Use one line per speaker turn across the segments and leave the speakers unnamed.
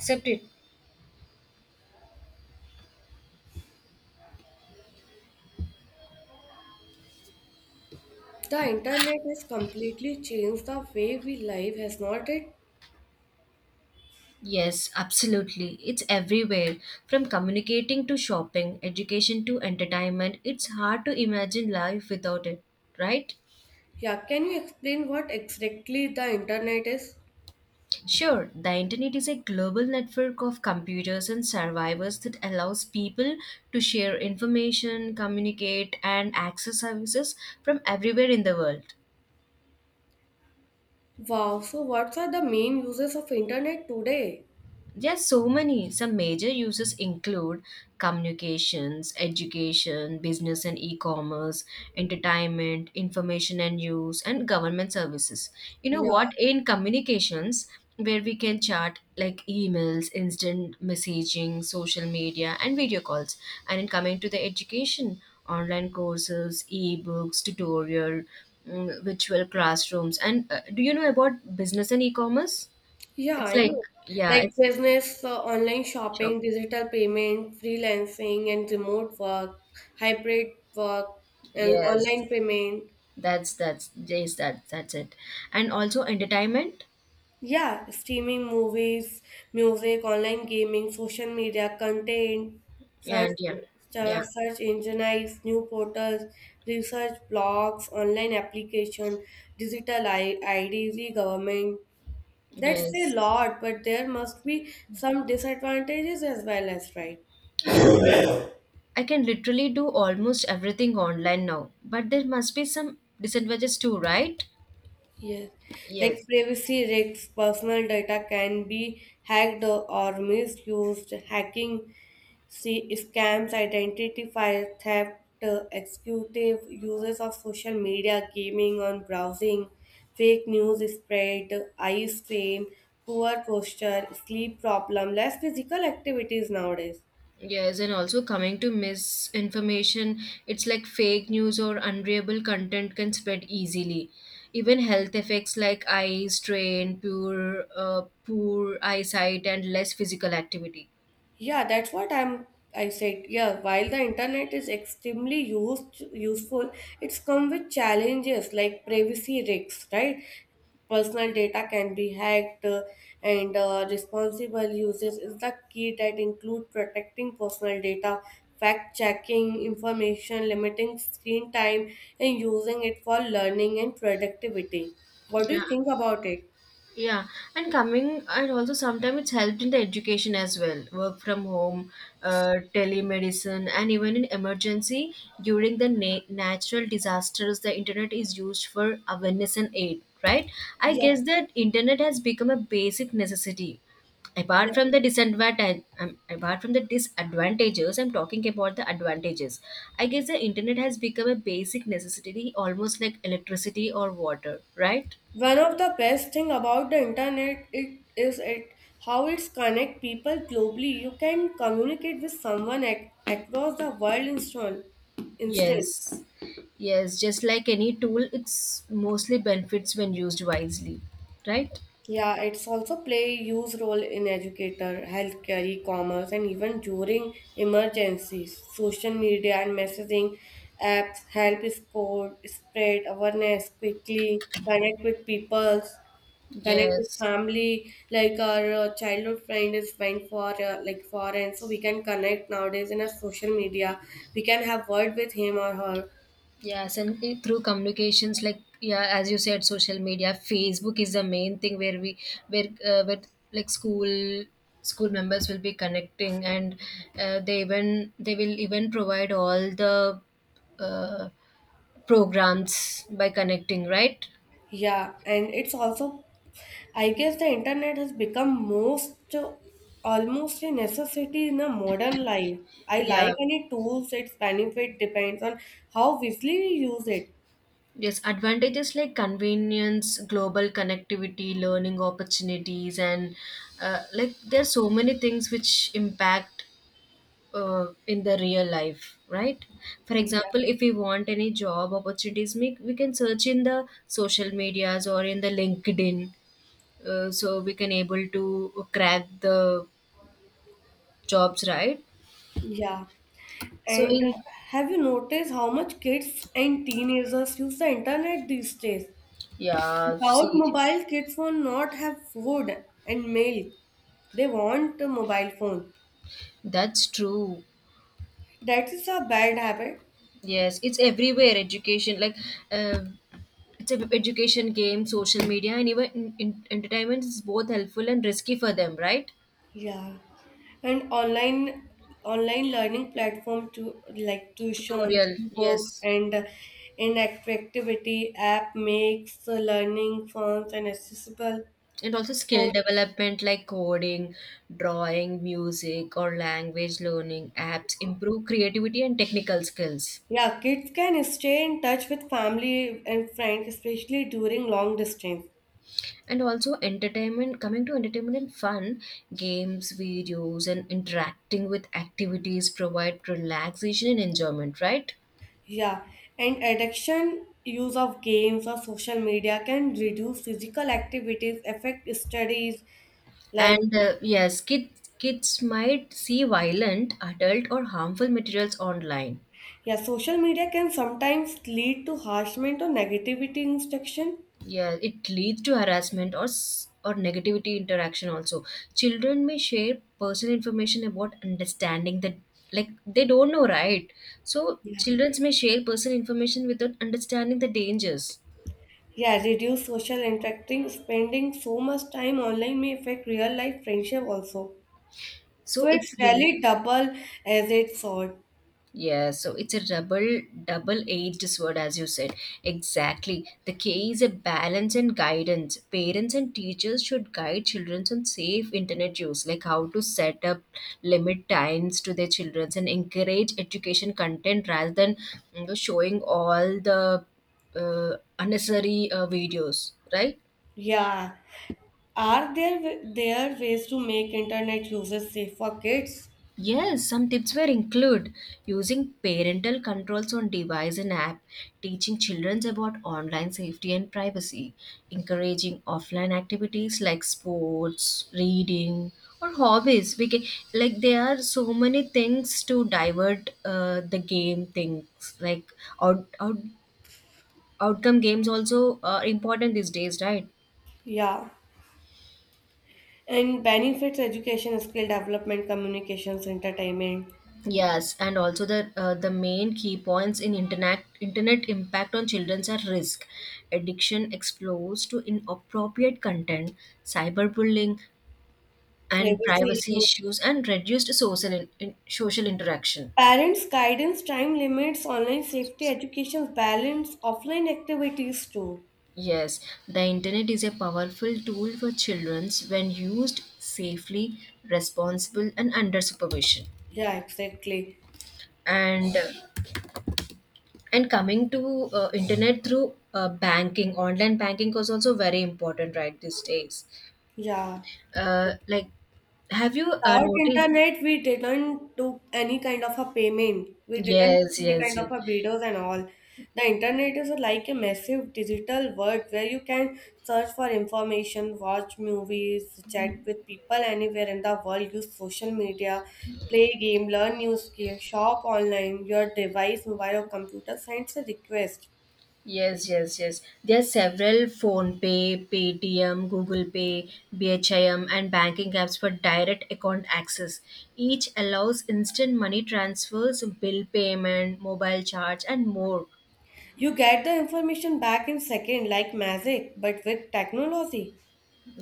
Accept it.
The internet has completely changed the way we live, has not it?
Yes, absolutely. It's everywhere. From communicating to shopping, education to entertainment, it's hard to imagine life without it, right?
Yeah, can you explain what exactly the internet is?
Sure, the internet is a global network of computers and servers that allows people to share information, communicate, and access services from everywhere in the world.
Wow, so what are the main uses of internet today?
There are so many. Some major uses include communications, education, business and e commerce, entertainment, information and news, and government services. You know
Yeah,
what? In communications, where we can chat like emails, instant messaging, social media, and video calls. And in coming to the education, online courses, e-books, tutorial, virtual classrooms. And do you know about business and e commerce?
yeah,
It's
I
like,
know.
yeah,
Like
it's
business, online
Shop.
shopping, digital payment, freelancing and remote work, hybrid work, and
Yes,
online payment.
that's yes that's it. And also entertainment.
Yeah, streaming movies, music, online gaming, social media, content, search,
And yeah, yeah,
search engine eyes, new portals, research blogs, online application, digital IDs, e-government. That's a
yes,
lot, but there must be some disadvantages as well as right.
yeah. But I can literally do almost everything online now. But there must be some disadvantages too, right?
Yes, like
Yes.
privacy risks, personal data can be hacked or misused. Hacking, see scams, identity theft, executive uses of social media, gaming on browsing, fake news spread, eye strain, poor posture, sleep problem, less physical activities nowadays.
Yes, and also coming to misinformation, it's like fake news or unreliable content can spread easily. Even health effects like eye strain, poor, poor eyesight, and less physical activity.
Yeah, that's what I said. Yeah, while the internet is extremely used useful, it's come with challenges like privacy risks, right? Personal data can be hacked, and responsible uses is the key that include protecting personal data, fact checking information, limiting screen time, and using it for learning and productivity. What do
Yeah.
you think about it?
Yeah, and coming, and also sometimes it's helped in the education as well. Work from home, telemedicine, and even in emergency during the natural disasters, the internet is used for awareness and aid, right? I
Yeah.
guess that internet has become a basic necessity. Apart from the disadvantage, apart from the disadvantages, I'm talking about the advantages. I guess the internet has become a basic necessity, almost like electricity or water, right?
One of the best thing about the internet it is it how it's connect people globally. You can communicate with someone across the world instant. Instant.
Yes, yes, just like any tool, it's mostly benefits when used wisely, right?
Yeah, it's also play huge role in educator, healthcare, e-commerce, and even during emergencies. Social media and messaging apps help score, spread awareness quickly, connect with people. Connect with
Yes,
family like our childhood friend is went for like foreign, so we can connect nowadays in a social media. We can have word with him or her.
yes, and through communications, like yeah, as you said, social media, Facebook is the main thing where we where like school members will be connecting, and they will even provide all the uh, programs by connecting, right?
Yeah, and it's also, I guess the internet has become most almost a necessity in a modern life. I like
Yeah.
any tools, its benefit depends on how wisely we use it.
Yes, advantages like convenience, global connectivity, learning opportunities, and like there are so many things which impact in the real life, right? For
Yeah,
example, if we want any job opportunities, we can search in the social medias or in the LinkedIn, so we can able to crack the jobs, right?
yeah,
So
and
in
have you noticed how much kids and teenagers use the internet these days?
yeah,
Without
see,
mobile, kids will not have food and milk. They want a mobile phone.
that's true.
That is a bad habit.
Yes, it's everywhere. Education, like uh, it's a education game, social media, and even entertainment is both helpful and risky for them, right?
Yeah. And online learning platform to like tuitions,
Tutorial,
books
yes,
and interactivity app makes learning fun and accessible.
and also skill
So,
development like coding, drawing, music, or language learning apps improve creativity and technical skills.
yeah, kids can stay in touch with family and friends, especially during long distance.
And also entertainment, coming to entertainment and fun, games, videos, and interacting with activities provide relaxation and enjoyment, right?
Yeah, and addiction use of games or social media can reduce physical activities, affect studies. Like,
And yes, kids might see violent, adult, or harmful materials online.
yeah, social media can sometimes lead to harassment or negativity instruction.
Yeah, it leads to harassment or or negativity interaction also. Children may share personal information about understanding that like they don't know, right? So
Yeah.
children may share personal information without understanding the dangers.
Yeah, reduce social interacting, spending so much time online may affect real life friendship also.
So
So
it's
it's
real.
really double as it's sword.
Yeah, so it's a double-edged sword, as you said. Exactly. The key is a balance and guidance. Parents and teachers should guide children on safe internet use, like how to set up limit times to their children and encourage education content rather than showing all the unnecessary videos, right?
Yeah. Are there ways to make internet users safe for kids?
Yes, some tips were include using parental controls on device and app, teaching children about online safety and privacy, encouraging offline activities like sports, reading, or hobbies. We can, like there are so many things to divert the game things like out, out outcome games also are important these days, right?
Yeah. And benefits education, skill development, communications, entertainment,
Yes, and also the main key points in internet impact on children are risk, addiction explores to inappropriate content, cyberbullying, and
privacy
privacy
issues,
issues, and reduced social social interaction.
parents' guidance, time limits, online safety, education balance, offline activities too.
Yes, the internet is a powerful tool for children when used safely, responsible, and under supervision.
Yeah, exactly.
And and coming to internet through banking, online banking was also very important, right, these days.
Yeah.
Like, have you
Without
noticed?
internet, we didn't do any kind of a payment. We didn't
Yes,
see any
yes,
kind of a videos and all. The internet is like a massive digital world where you can search for information, watch movies, chat with people anywhere in the world, use social media, play game, learn new skills, shop online. Your device, mobile or computer sends a request.
yes, yes, yes, yes. There are several phone pay, Paytm, Google Pay, BHIM, and banking apps for direct account access. Each allows instant money transfers, bill payment, mobile charge, and more.
You get the information back in second like magic, but with technology.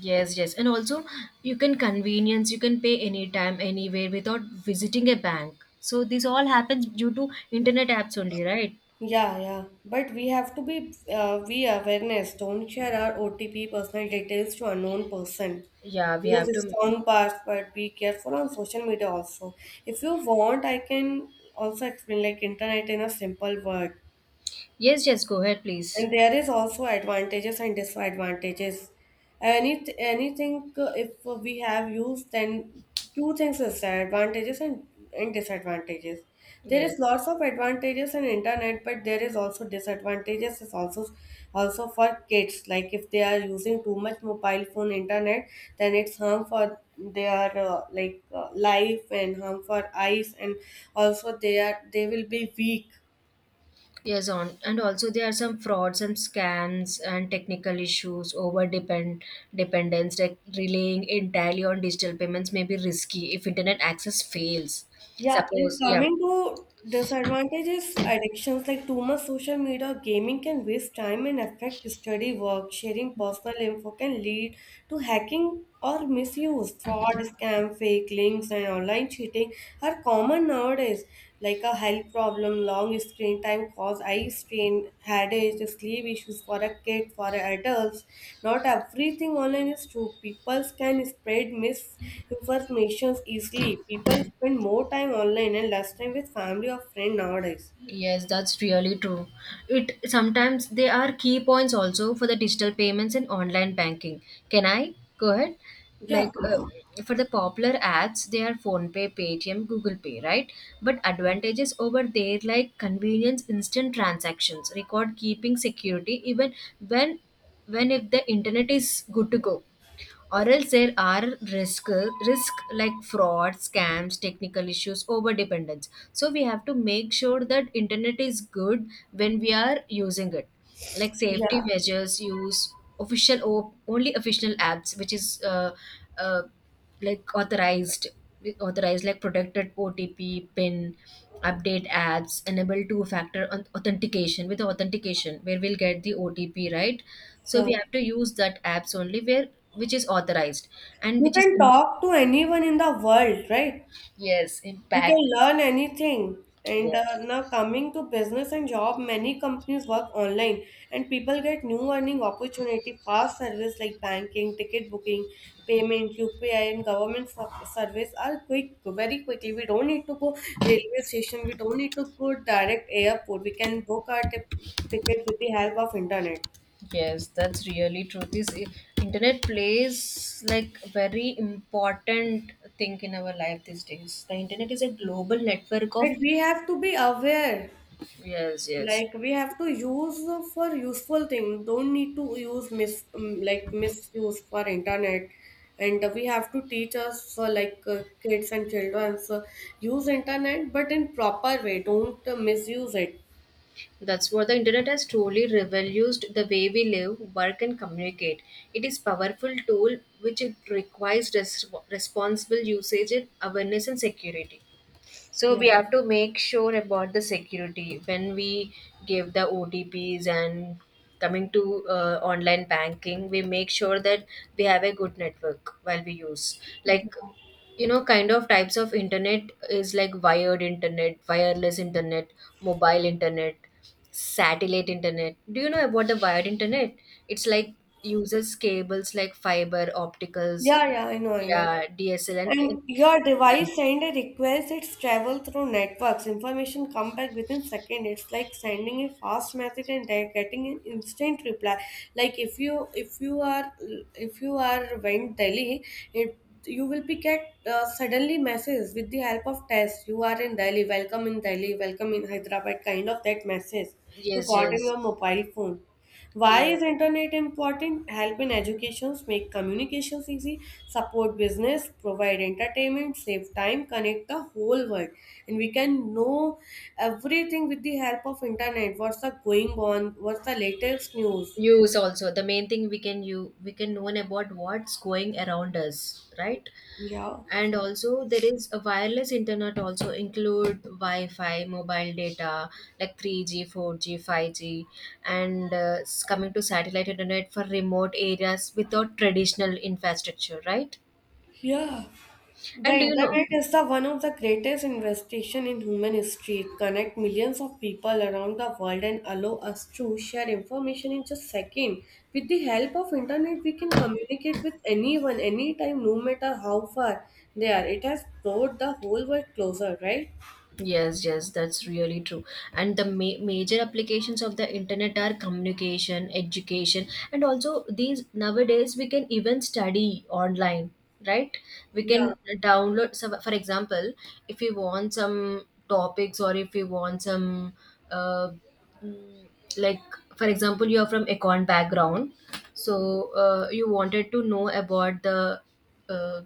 Yes, yes. And also, you can convenience, you can pay anytime, anywhere without visiting a bank. So this all happens due to internet apps only, right?
Yeah, yeah. But we have to be we awareness. Don't share our OTP personal details to unknown person.
Yeah, we
Use
have
a
to.
strong password. Be careful on social media also. If you want, I can also explain like internet in a simple word.
Yes, yes, go ahead, please.
And there is also advantages and disadvantages. Anything if we have used, then two things is there, advantages, and disadvantages. There
Yes.
is lots of advantages in internet, but there is also disadvantages. Is also also for kids. Like if they are using too much mobile phone internet, then it's harm for their like life and harm for eyes, and also they will be weak.
Yes, on. And also there are some frauds and scams and technical issues, over depend dependence, like relying entirely on digital payments may be risky if internet access fails.
Yeah, and
Suppose, yeah.
coming to disadvantages, addictions like too much social media or gaming can waste time and affect study work. Sharing personal info can lead to hacking or misuse. Fraud, scam, fake links, and online cheating are common nowadays, like a health problem, long screen time cause eye strain, headache, sleep issues for a kid, for adults. Not everything online is true. People can spread misinformations easily. People spend more time online and less time with family or friend nowadays.
Yes, that's really true. It sometimes they are key points also for the digital payments and online banking. Can I go ahead?
Yeah,
Like for the popular apps, they are PhonePay, Paytm, Google Pay, right? But advantages over there like convenience, instant transactions, record keeping, security, even when when if the internet is good to go or else there are risk risk like fraud scams technical issues over dependence, so we have to make sure that internet is good when we are using it, like safety
yeah,
measures use official only official apps which is uh, like authorized like protected otp pin update apps enable two factor authentication with authentication where we'll get the otp right, so we
sure.
have to use that apps only where which is authorized and
You
which is
can talk to anyone in the world, right?
yes
You can
impact
learn anything. And
yes
now, coming to business and job, many companies work online, and people get new earning opportunity, fast service like banking, ticket booking, payment, UPI, and government service are quick, very quickly. We don't need to go railway station. We don't need to go direct airport. We can book our ticket with the help of internet.
yes that's really true this internet plays like very important thing in our life these days the internet is a global network of
But we have to be aware.
yes yes
Like we have to use for useful thing, don't need to use mis like misuse for internet, and we have to teach us like kids and children, so use internet but in proper way, don't misuse it.
that's what. The internet has truly revolutionized the way we live, work, and communicate. It is powerful tool which it requires responsible usage, and awareness, and security. So
Yeah,
we have to make sure about the security when we give the OTPs and coming to online banking, we make sure that we have a good network while we use. Like, you know, kind of types of internet is like wired internet, wireless internet, mobile internet, satellite internet. Do you know about the wired internet? It's like uses cables like fiber, opticals,
yeah, yeah, I know, I know.
yeah, DSL, and
And your device send a request, it's travel through networks. Information come back within second. It's like sending a fast message and they're getting an instant reply. Like if you are went Delhi, it you will be get suddenly message with the help of test. You are in Delhi, welcome in Delhi, welcome in Hyderabad, kind of that message you
yes,
got in
yes.
your mobile phone. Why
Yes.
is internet important? Help in educations, make communications easy, support business, provide entertainment, save time, connect the whole world. And we can know everything with the help of internet. What's the going on? What's the latest news?
News also. The main thing we can you we can know about what's going around us, right?
Yeah.
And also there is a wireless internet also include Wi-Fi, mobile data like 3G, 4G, 5G, and coming to satellite internet for remote areas without traditional infrastructure, right?
Yeah. The
And do you know?
internet is the one of the greatest investation in human history. It connect millions of people around the world and allow us to share information in just second. With the help of internet, we can communicate with anyone, anytime, no matter how far they are. It has brought the whole world closer, right?
Yes, yes, that's really true. And the major applications of the internet are communication, education, and also these nowadays we can even study online, right? We
Yeah.
can download some, for example, if we want some topics or if we want some, uh, mm, like, for example, you are from econ background, so you wanted to know about the uh,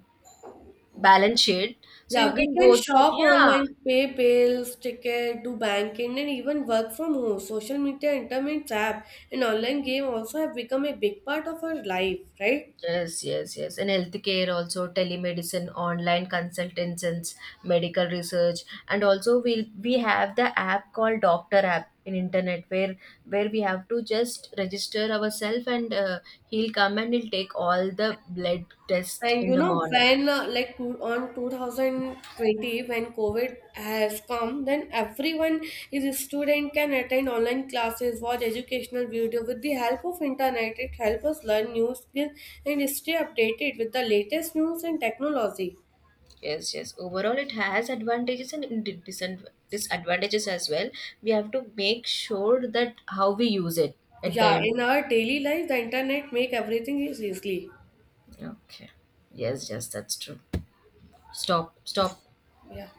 balance sheet, so you
Yeah, we
can
can
go through,
shop
yeah.
online, pay bills, ticket, do banking, and even work from home. Social media, internet app, and online game also have become a big part of our life, right?
Yes, yes, yes. In healthcare, also telemedicine, online consultations, medical research, and also we have the app called Doctor App in internet where we have to just register ourselves and he'll come and he'll take all the blood test
And
in
you
the
know,
morning.
when like two, on 2020, when COVID has come, then everyone is a student can attend online classes, watch educational video with the help of internet. It helps us learn new skills and stay updated with the latest news and technology.
Yes, yes. Overall, it has advantages and disadvantages as well. We have to make sure that how we use it at the
Yeah,
end.
in our daily life, the internet make everything is easily.
Okay. Yes, yes, that's true. Stop,
Yes.
stop.
Yeah.